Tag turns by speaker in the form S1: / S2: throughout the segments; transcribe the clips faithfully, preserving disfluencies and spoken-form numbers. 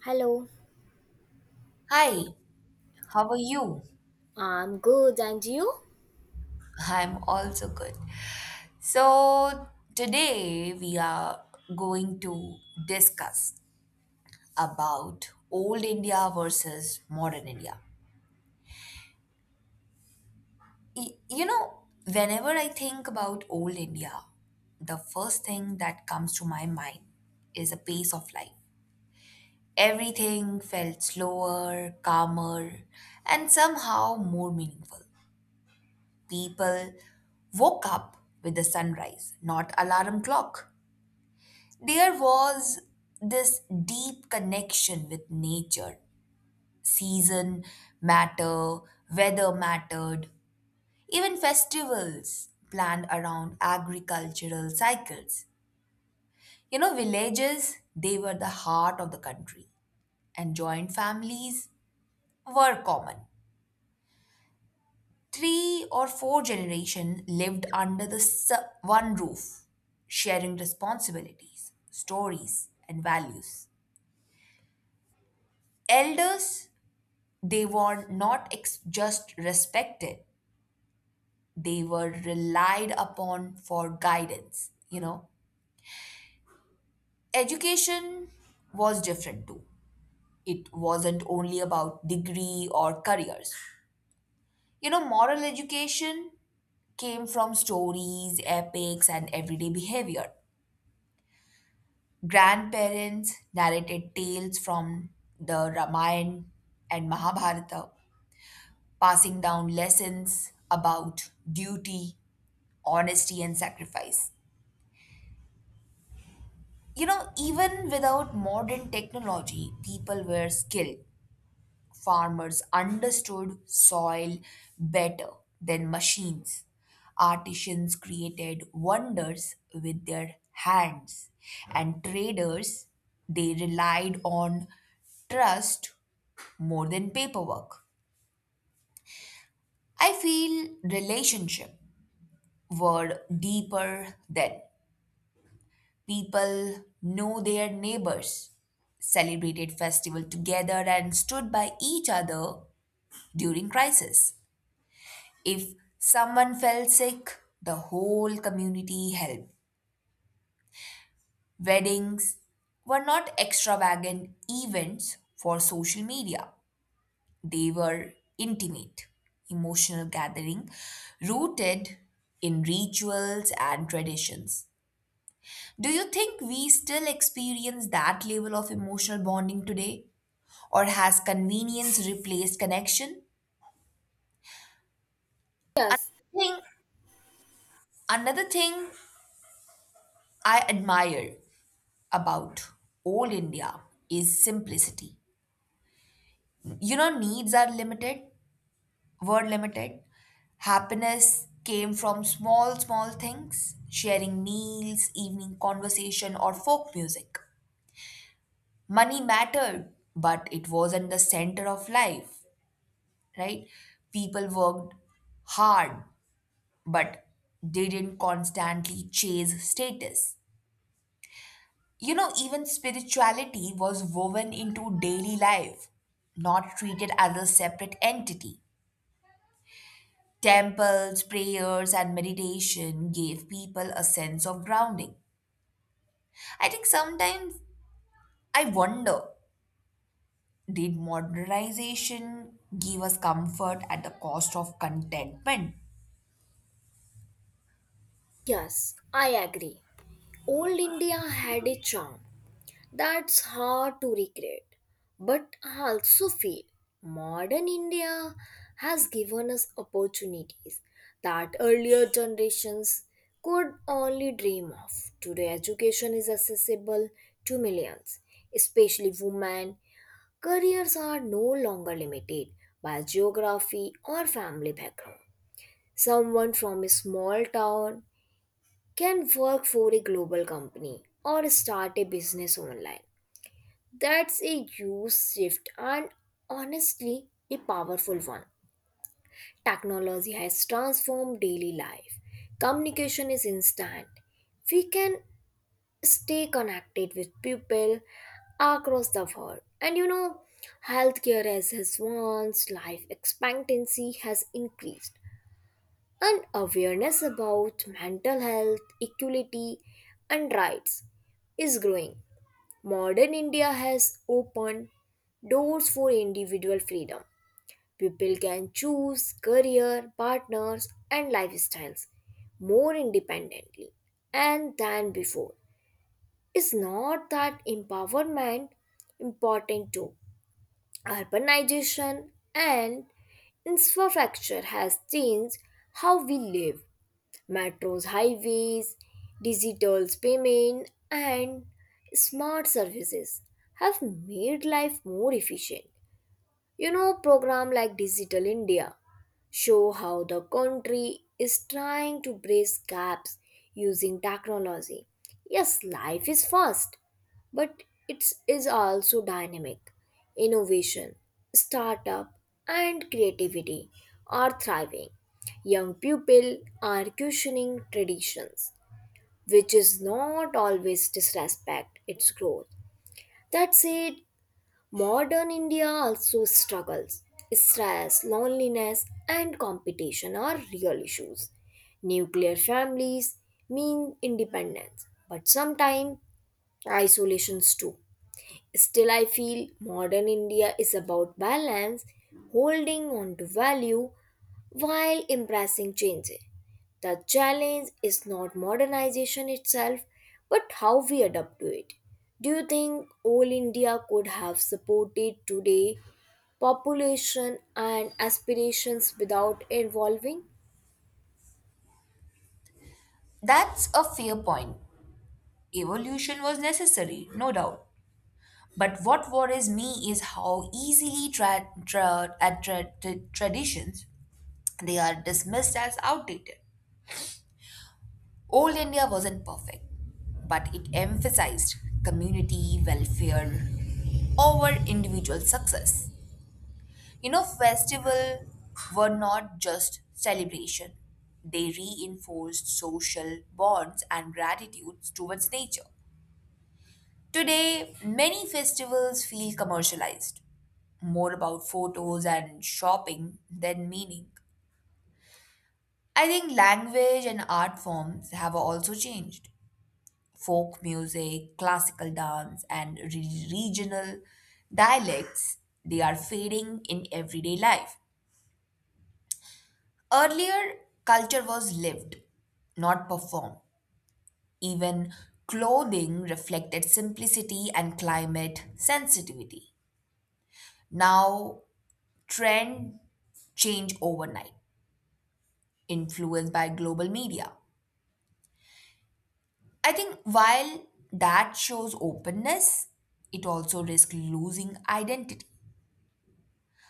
S1: Hello,
S2: Hi, how are you?
S1: I'm good, and you?
S2: I'm also good. So, today we are going to discuss about old India versus modern India. Y- You know, whenever I think about old India, the first thing that comes to my mind is a pace of life. Everything felt slower, calmer, and somehow more meaningful. People woke up with the sunrise, not alarm clock. There was this deep connection with nature. Season matter, weather mattered, even festivals planned around agricultural cycles. You know, villages, they were the heart of the country, and joint families were common. Three or four generations lived under the s- one roof, sharing responsibilities, stories, and values. Elders, they were not ex- just respected, they were relied upon for guidance, you know. Education was different too. It wasn't only about degree or careers. You know, moral education came from stories, epics, and everyday behavior. Grandparents narrated tales from the Ramayana and Mahabharata, passing down lessons about duty, honesty, and sacrifice. You know, even without modern technology, people were skilled. Farmers understood soil better than machines. Artisans created wonders with their hands, and traders they relied on trust more than paperwork. I feel relationship were deeper then. People know their neighbors, celebrated festival together and stood by each other during crisis. If someone fell sick, the whole community helped. Weddings were not extravagant events for social media. They were intimate, emotional gathering rooted in rituals and traditions. Do you think we still experience that level of emotional bonding today? Or has convenience replaced connection?
S1: Yes,
S2: Thing, another thing I admire about old India is simplicity. You know, needs are limited, word limited. Happiness came from small, small things, sharing meals, evening conversation, or folk music. Money mattered, but it wasn't the center of life, right? People worked hard, but they didn't constantly chase status. You know, even spirituality was woven into daily life, not treated as a separate entity. Temples, prayers, and meditation gave people a sense of grounding. I think sometimes I wonder did modernization give us comfort at the cost of contentment?
S1: yes, I agree. Old India had a charm that's hard to recreate, but I also feel modern India has given us opportunities that earlier generations could only dream of. Today, education is accessible to millions, especially women careers are no longer limited by geography or family background. Someone from a small town can work for a global company or start a business online. That's a huge shift and honestly a powerful one. Technology has transformed daily life. Communication is instant. We can stay connected with people across the world. And you know, healthcare has advanced, life expectancy has increased. And awareness about mental health, equality, and rights is growing. Modern India has opened doors for individual freedom. People can choose career, partners, and lifestyles more independently and than before. Is not that empowerment important too? Urbanization and infrastructure has changed how we live metros, highways, digital payment, and smart services have made life more efficient. You know, program like Digital India show how the country is trying to bridge gaps using technology. Yes, life is fast, but it is also dynamic. Innovation, startup, and creativity are thriving. Young people are questioning traditions, which is not always disrespect its growth. That's it. Modern India also struggles. Stress, loneliness, and competition are real issues. Nuclear families mean independence, but sometimes isolations too. Still, I feel modern India is about balance, holding on to value while embracing change. The challenge is not modernization itself, but how we adapt to it. Do you think all India could have supported today population and aspirations without evolving?
S2: That's a fair point. Evolution was necessary, no doubt. But what worries me is how easily tra- tra- at tra- tra- traditions they are dismissed as outdated. Old India wasn't perfect, but it emphasized community welfare over individual success. You know, festivals were not just celebration, they reinforced social bonds and gratitude towards nature. Today, many festivals feel commercialized, more about photos and shopping than meaning. I think language and art forms have also changed. Folk music, classical dance, and re- regional dialects, they are fading in everyday life. Earlier, culture was lived, not performed. Even clothing reflected simplicity and climate sensitivity. Now, trend change overnight, influenced by global media. I think while that shows openness, it also risks losing identity.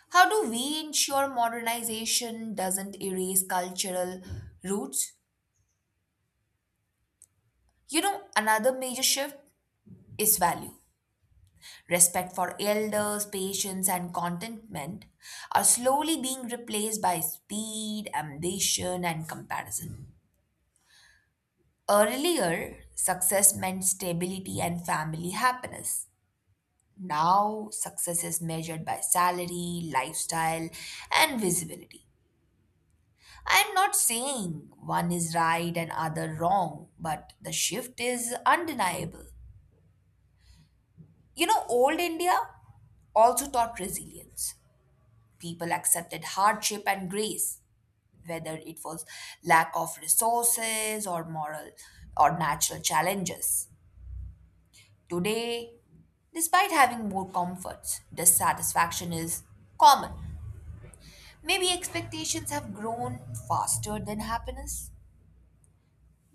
S2: How do we ensure modernization doesn't erase cultural roots? You know, another major shift is value. Respect for elders, patience, and contentment are slowly being replaced by speed, ambition, and comparison. Earlier, success meant stability and family happiness. Now, success is measured by salary, lifestyle, and visibility. I'm not saying one is right and other wrong, but the shift is undeniable. You know, old India also taught resilience. People accepted hardship and grace, whether it was lack of resources or moral or natural challenges. Today, despite having more comforts, dissatisfaction is common. Maybe expectations have grown faster than happiness.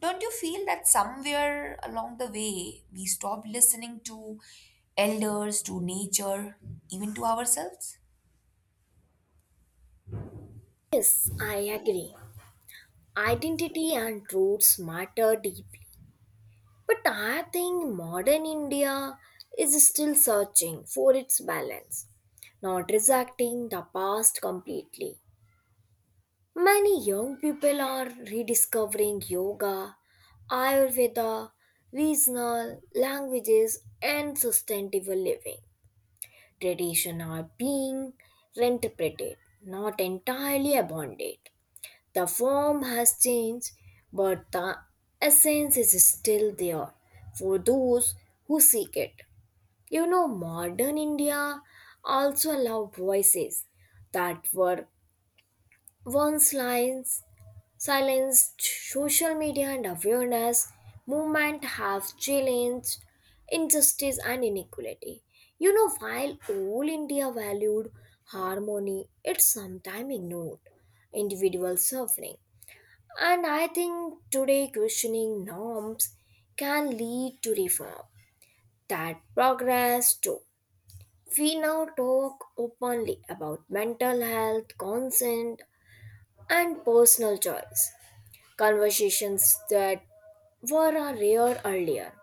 S2: Don't you feel that somewhere along the way we stop listening to elders, to nature, even to ourselves?
S1: Yes, I agree. Identity and roots matter deeply. But I think modern India is still searching for its balance, not rejecting the past completely. Many young people are rediscovering yoga, Ayurveda, regional languages, and sustainable living. Traditions are being reinterpreted, not entirely abandoned. The form has changed, but the essence is still there for those who seek it. You know, modern India also allowed voices that were once lines, silenced. Social media and awareness movement have challenged injustice and inequality. You know, while all India valued harmony, it sometimes ignored individual suffering. And I think today questioning norms can lead to reform. That progress too. We now talk openly about mental health, consent, and personal choice. Conversations that were rare earlier.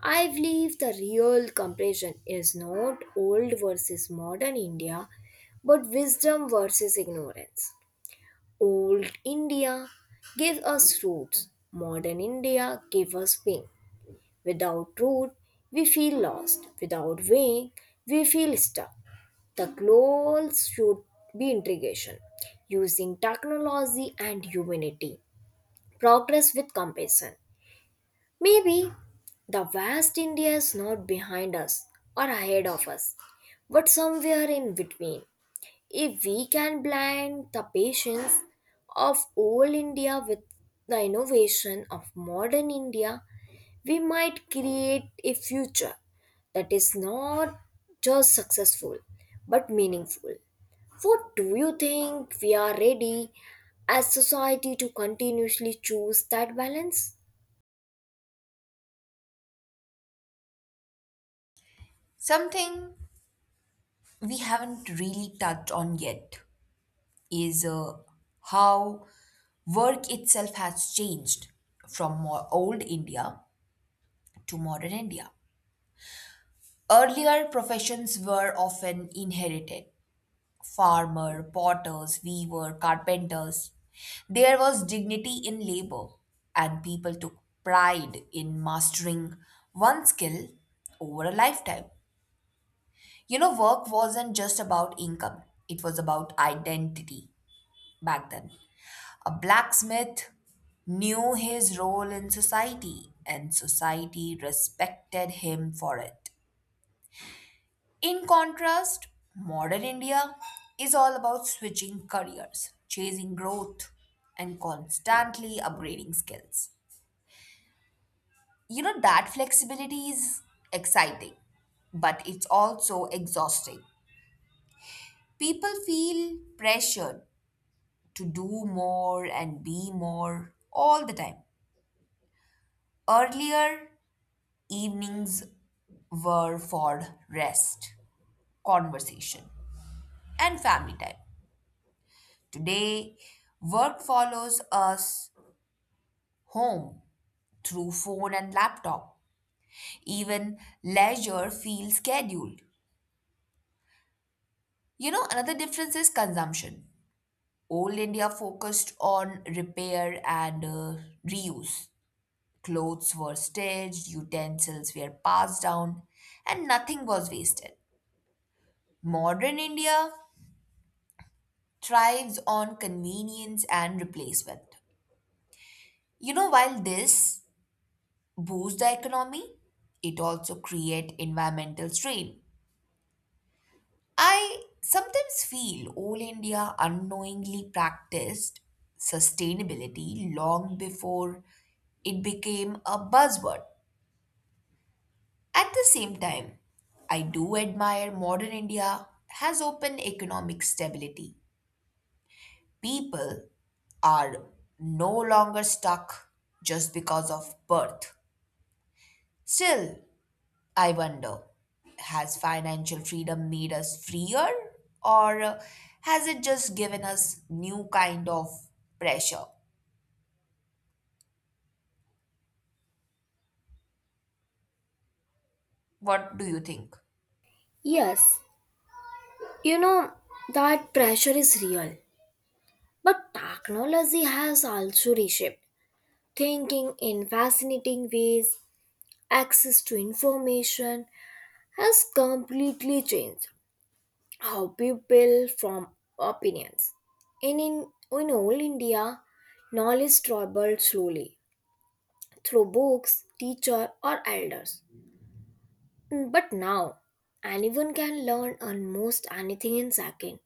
S1: I believe the real comparison is not old versus modern India, but wisdom versus ignorance. Old India gave us roots. Modern India gave us wing. Without root, we feel lost. Without wing, we feel stuck. The goals should be integration, using technology and humanity, progress with compassion. Maybe the vast India is not behind us or ahead of us, but somewhere in between. If we can blend the patience of old India with the innovation of modern India, we might create a future that is not just successful but meaningful. What do you think we are ready as society to continuously choose that balance?
S2: Something we haven't really touched on yet is uh, how work itself has changed from more old India to modern India. Earlier, professions were often inherited farmer, potters, weaver, carpenters. There was dignity in labor, and people took pride in mastering one skill over a lifetime. You know, work wasn't just about income, it was about identity back then. A blacksmith knew his role in society, and society respected him for it. In contrast, modern India is all about switching careers, chasing growth, and constantly upgrading skills. You know, that flexibility is exciting, but it's also exhausting. People feel pressured to do more and be more all the time. Earlier, evenings were for rest, conversation, and family time. Today, work follows us home through phone and laptop. Even leisure feels scheduled. You know, another difference is consumption. Old India focused on repair and uh, reuse. Clothes were stitched, utensils were passed down, and nothing was wasted. Modern India thrives on convenience and replacement. You know, while this boost the economy, it also create environmental strain. I sometimes feel all India unknowingly practiced sustainability long before it became a buzzword. At the same time, I do admire modern India has open economic stability. People are no longer stuck just because of birth. Still, I wonder, has financial freedom made us freer or uh, has it just given us new kind of pressure? What do you think?
S1: Yes, you know that pressure is real, but technology has also reshaped thinking in fascinating ways. Access to information has completely changed how people form opinions. And in, in old India, knowledge traveled slowly through books, teacher or elders. But now, anyone can learn almost anything in second.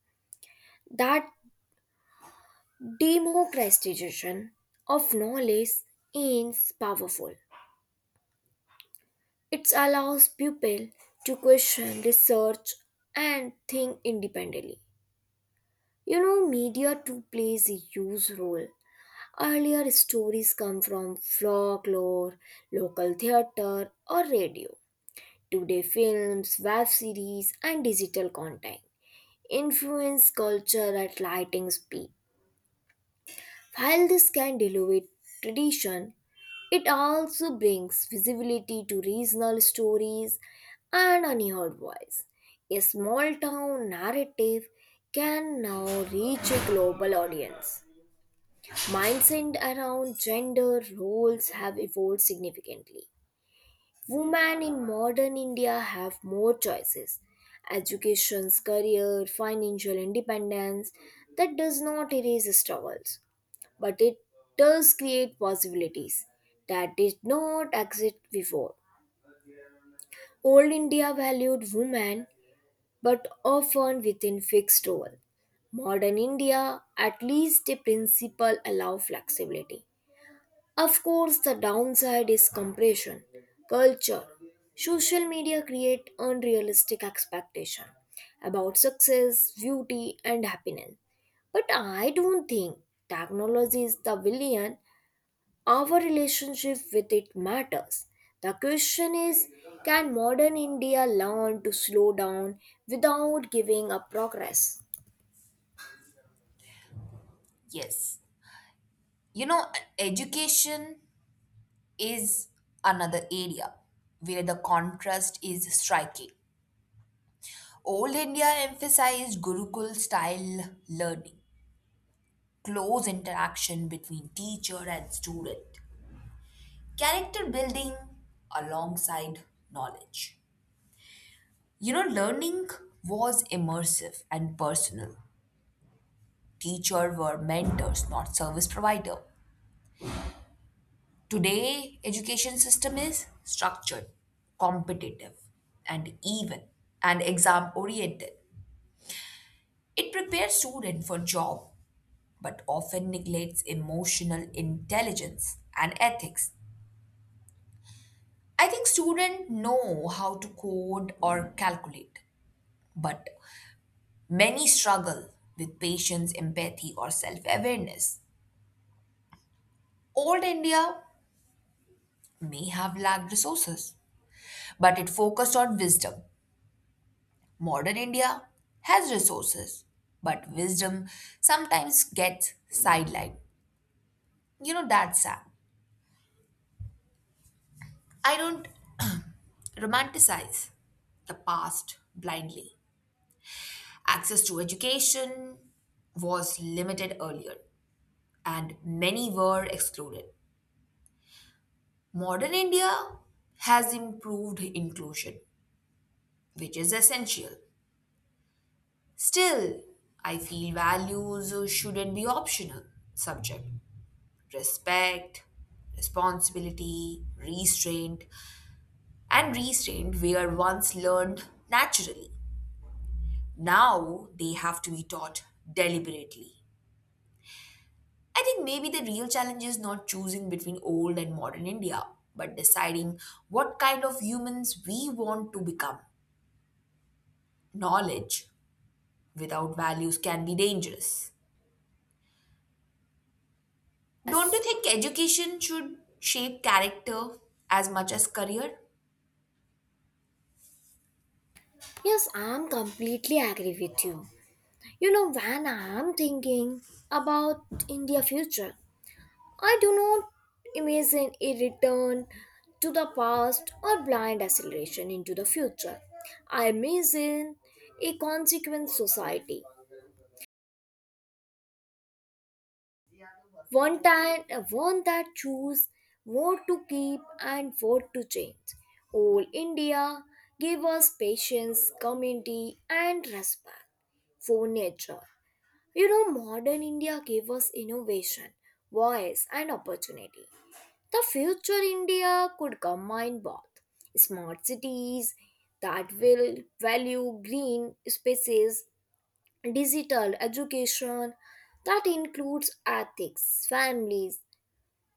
S1: That democratization of knowledge is powerful. It allows people to question, research, and think independently. You know, media too plays a huge role. Earlier stories come from folklore, local theater, or radio. Today, films, web series, and digital content influence culture at lightning speed. While this can elevate tradition, it also brings visibility to regional stories and unheard voice. A small town narrative can now reach a global audience. Mindset around gender roles have evolved significantly. Women in modern India have more choices education, career, financial independence. That does not erase struggles, but it does create possibilities that did not exist before. Old India valued women, but often within fixed role. Modern India, at least a principle allow flexibility. Of course, the downside is compression, culture. Social media create unrealistic expectation about success, beauty and happiness. But I don't think technology is the villain. Our relationship with it matters. The question is can modern India learn to slow down without giving up progress?
S2: Yes. You know, education is another area where the contrast is striking. Old India emphasized Gurukul style learning, close interaction between teacher and student, character building alongside knowledge. You know, learning was immersive and personal. Teacher were mentors, not service provider. Today, education system is structured, competitive, and even and exam oriented. It prepares student for job but often neglects emotional intelligence and ethics. I think students know how to code or calculate, but many struggle with patience, empathy, or self awareness. Old India may have lacked resources, but it focused on wisdom. Modern India has resources, but wisdom sometimes gets sidelined. You know, that's sad. I don't romanticize the past blindly. Access to education was limited earlier, and many were excluded. Modern India has improved inclusion, which is essential. Still, I feel values shouldn't be optional. Subject respect, responsibility, restraint, and restraint were once learned naturally. Now they have to be taught deliberately. I think maybe the real challenge is not choosing between old and modern India, but deciding what kind of humans we want to become. Knowledge without values can be dangerous. Don't you
S1: Yes,
S2: think education should shape character as much as career?
S1: I'm completely agree with you. You know, when I'm thinking about India future, I do not imagine a return to the past or blind acceleration into the future. I imagine a consequent society, one time one that choose what to keep and what to change. All India gave us patience, community, and respect for nature. You know, modern India gave us innovation, voice, and opportunity. The future India could combine both smart cities that will value green spaces, digital education that includes ethics, families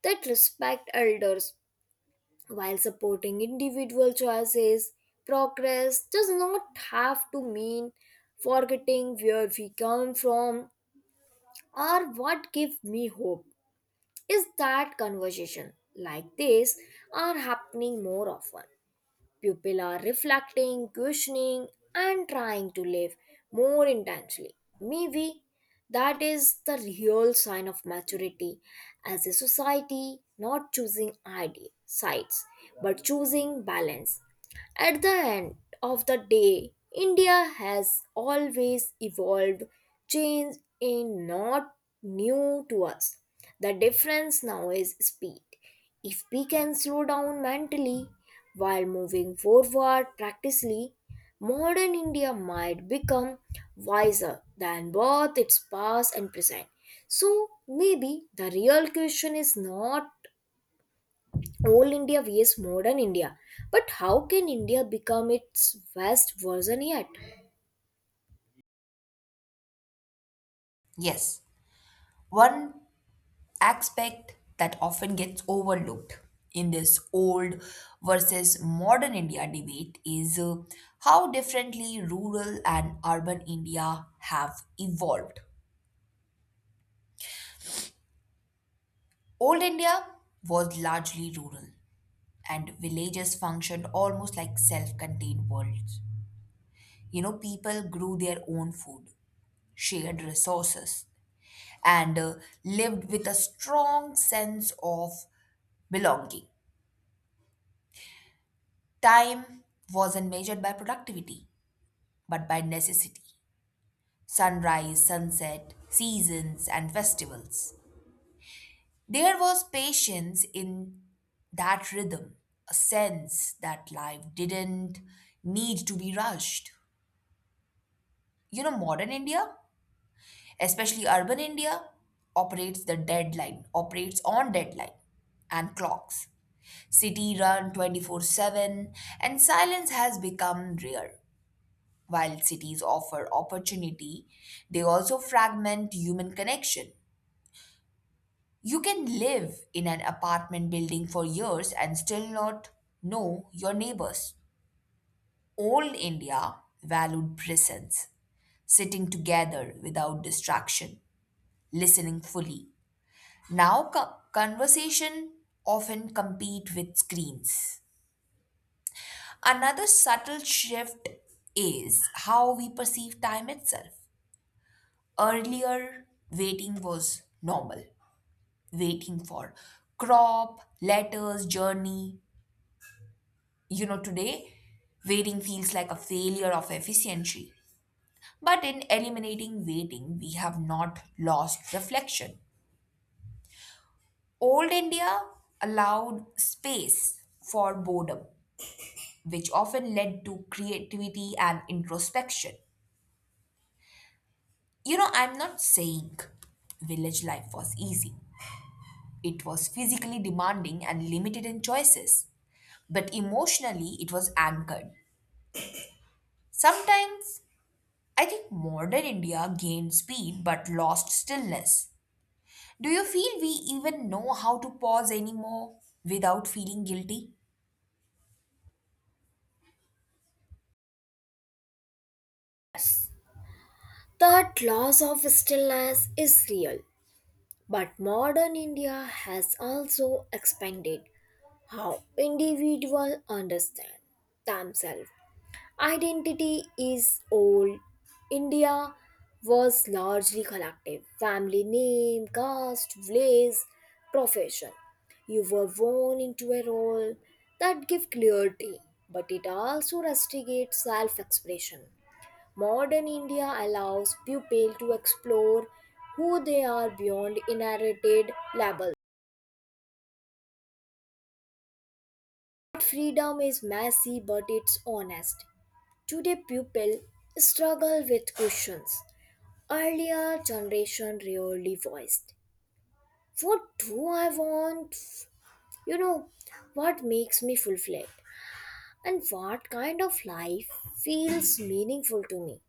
S1: that respect elders while supporting individual choices. Progress does not have to mean forgetting where we come from or what give me hope is that conversation like this are happening more often people are reflecting questioning and trying to live more intensely maybe that is the real sign of maturity as a society not choosing ideal sides but choosing balance at the end of the day, India has always evolved. Change is not new to us. The difference now is speed. If we can slow down mentally while moving forward practically, modern India might become wiser than both its past and present. So maybe the real question is not Old India vs modern India. But how can India become its best version yet?
S2: Yes, one aspect that often gets overlooked in this old versus modern India debate is uh, how differently rural and urban India have evolved. Old India was largely rural, and villages functioned almost like self contained worlds. You know, people grew their own food, shared resources, and uh, lived with a strong sense of belonging. Time wasn't measured by productivity, but by necessity. Sunrise, sunset, seasons, and festivals. There was patience in that rhythm, a sense that life didn't need to be rushed. You know, modern India, especially urban India, operates the deadline, operates on deadline and clocks. City run twenty-four seven, and silence has become rare. While cities offer opportunity, they also fragment human connection. You can live in an apartment building for years and still not know your neighbors. Old India valued presence, sitting together without distraction, listening fully. Now, co- conversation often compete with screens. Another subtle shift is how we perceive time itself. Earlier, waiting was normal, waiting for crop, letters, journey. You know, today, waiting feels like a failure of efficiency. But in eliminating waiting, we have not lost reflection. Old India allowed space for boredom, which often led to creativity and introspection. You know, I'm not saying village life was easy. It was physically demanding and limited in choices, but emotionally it was anchored. Sometimes I think modern India gained speed but lost stillness. Do you feel we even know how to pause anymore without feeling guilty?
S1: That loss of stillness is real. But modern India has also expanded how individuals understand themselves. Identity is old. India was largely collective family name, caste, village, profession. You were born into a role that gives clarity, but it also restricts self expression. Modern India allows pupil to explore who they are beyond inherited labels. That freedom is messy but it's honest. Today pupil struggle with questions. Earlier generation rarely voiced. What do I want? You know, what makes me fulfilled? And what kind of life feels meaningful to me?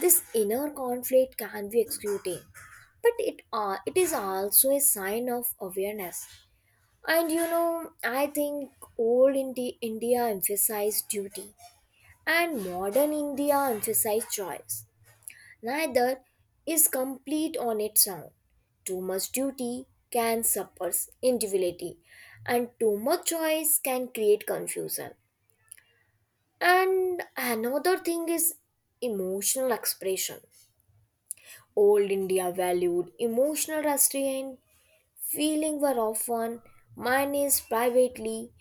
S1: This inner conflict can be excluding, but it, uh, it is also a sign of awareness. And you know, I think old Indi- India emphasized duty and modern India emphasized choice. Neither is complete on its own. Too much duty can suppress individuality, and too much choice can create confusion. And another thing is emotional expression. Old India valued emotional restraint, feeling were often managed privately,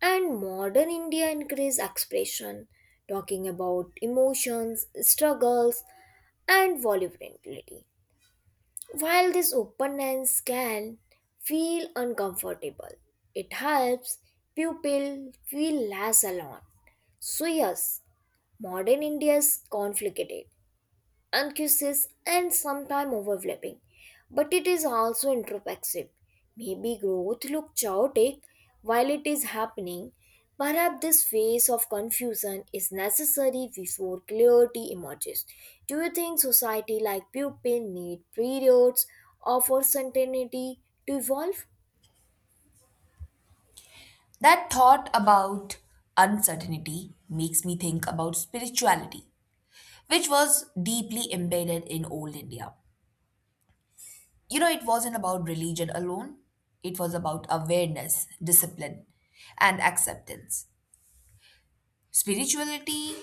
S1: and modern India increased expression, talking about emotions, struggles, and vulnerability. While this openness can feel uncomfortable, it helps people feel less alone. So yes, modern India is conflicted and kisses and sometimes overlapping. But it is also introspective. Maybe growth looks chaotic while it is happening. Perhaps this phase of confusion is necessary before clarity emerges. Do you think society like pupil need periods of uncertainty to evolve?
S2: That thought about uncertainty makes me think about spirituality, which was deeply embedded in old India. You know, it wasn't about religion alone, it was about awareness, discipline, and acceptance. Spirituality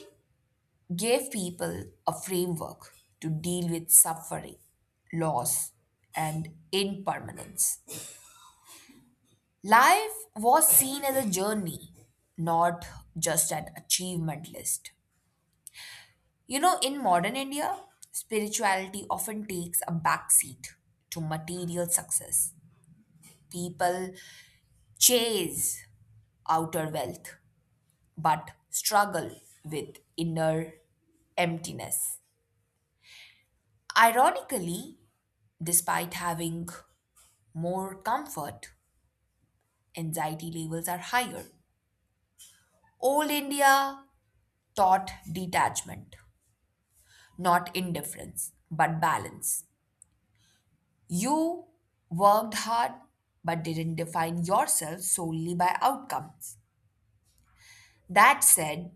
S2: gave people a framework to deal with suffering, loss, and impermanence. Life was seen as a journey, not just an achievement list. You know, in modern India, spirituality often takes a backseat to material success. People chase outer wealth, but struggle with inner emptiness. Ironically, despite having more comfort, anxiety levels are higher. Old India taught detachment, not indifference, but balance. You worked hard but didn't define yourself solely by outcomes. That said,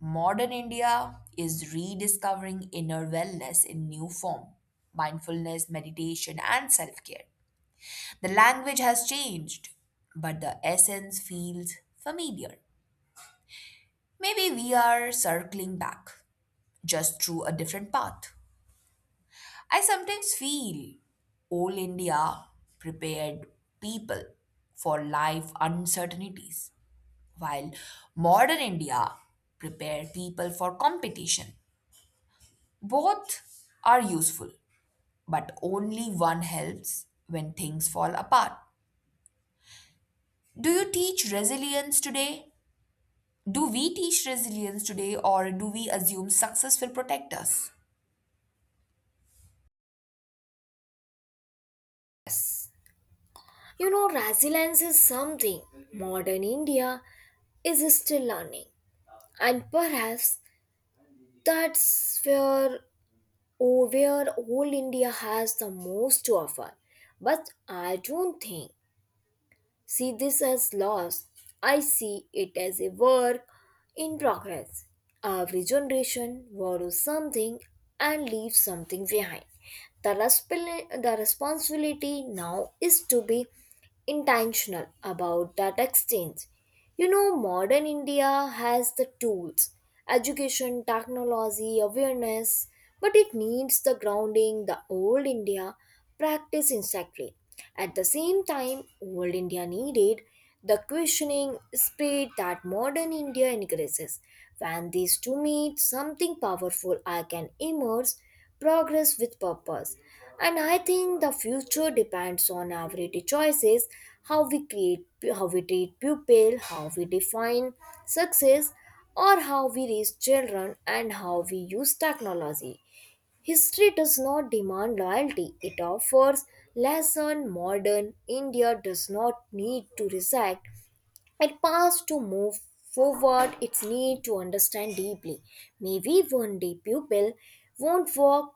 S2: modern India is rediscovering inner wellness in new form mindfulness, meditation, and self care. The language has changed, but the essence feels familiar. Maybe we are circling back, just through a different path. I sometimes feel old India prepared people for life uncertainties, while modern India prepared people for competition. Both are useful, but only one helps when things fall apart. Do you teach resilience today? Do we teach resilience today, or do we assume success will protect us?
S1: Yes. You know, resilience is something modern India is still learning. And perhaps that's where or where all India has the most to offer. But I don't think see this as loss. I see it as a work in progress. Every generation borrows something and leaves something behind. The, resp- the responsibility now is to be intentional about that exchange you know, modern India has the tools, education, technology, awareness, but it needs the grounding the old India practiced exactly. At the same time, old India needed the questioning spirit that modern India encourages. When these two meet, something powerful I can emerge progress with purpose. And I think the future depends on our daily choices, how we create, how we treat pupil, how we define success, or how we raise children and how we use technology. History does not demand loyalty. It offers lesson modern India does not need to recite. It past to move forward its need to understand deeply. Maybe one day pupil won't walk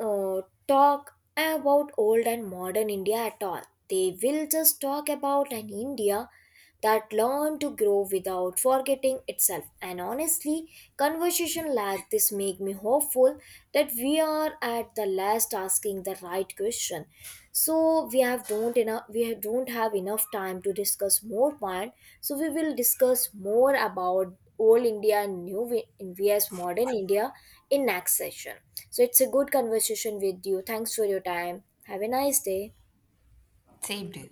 S1: uh, talk about old and modern India at all. They will just talk about an India that learned to grow without forgetting itself. And honestly, conversation like this make me hopeful that we are at the last asking the right question. So we have don't enough we have- don't have enough time to discuss more point. So we will discuss more about old India and new Vi- India's modern India in next session. So it's a good conversation with you. Thanks for your time. Have a nice day.
S2: Same to you.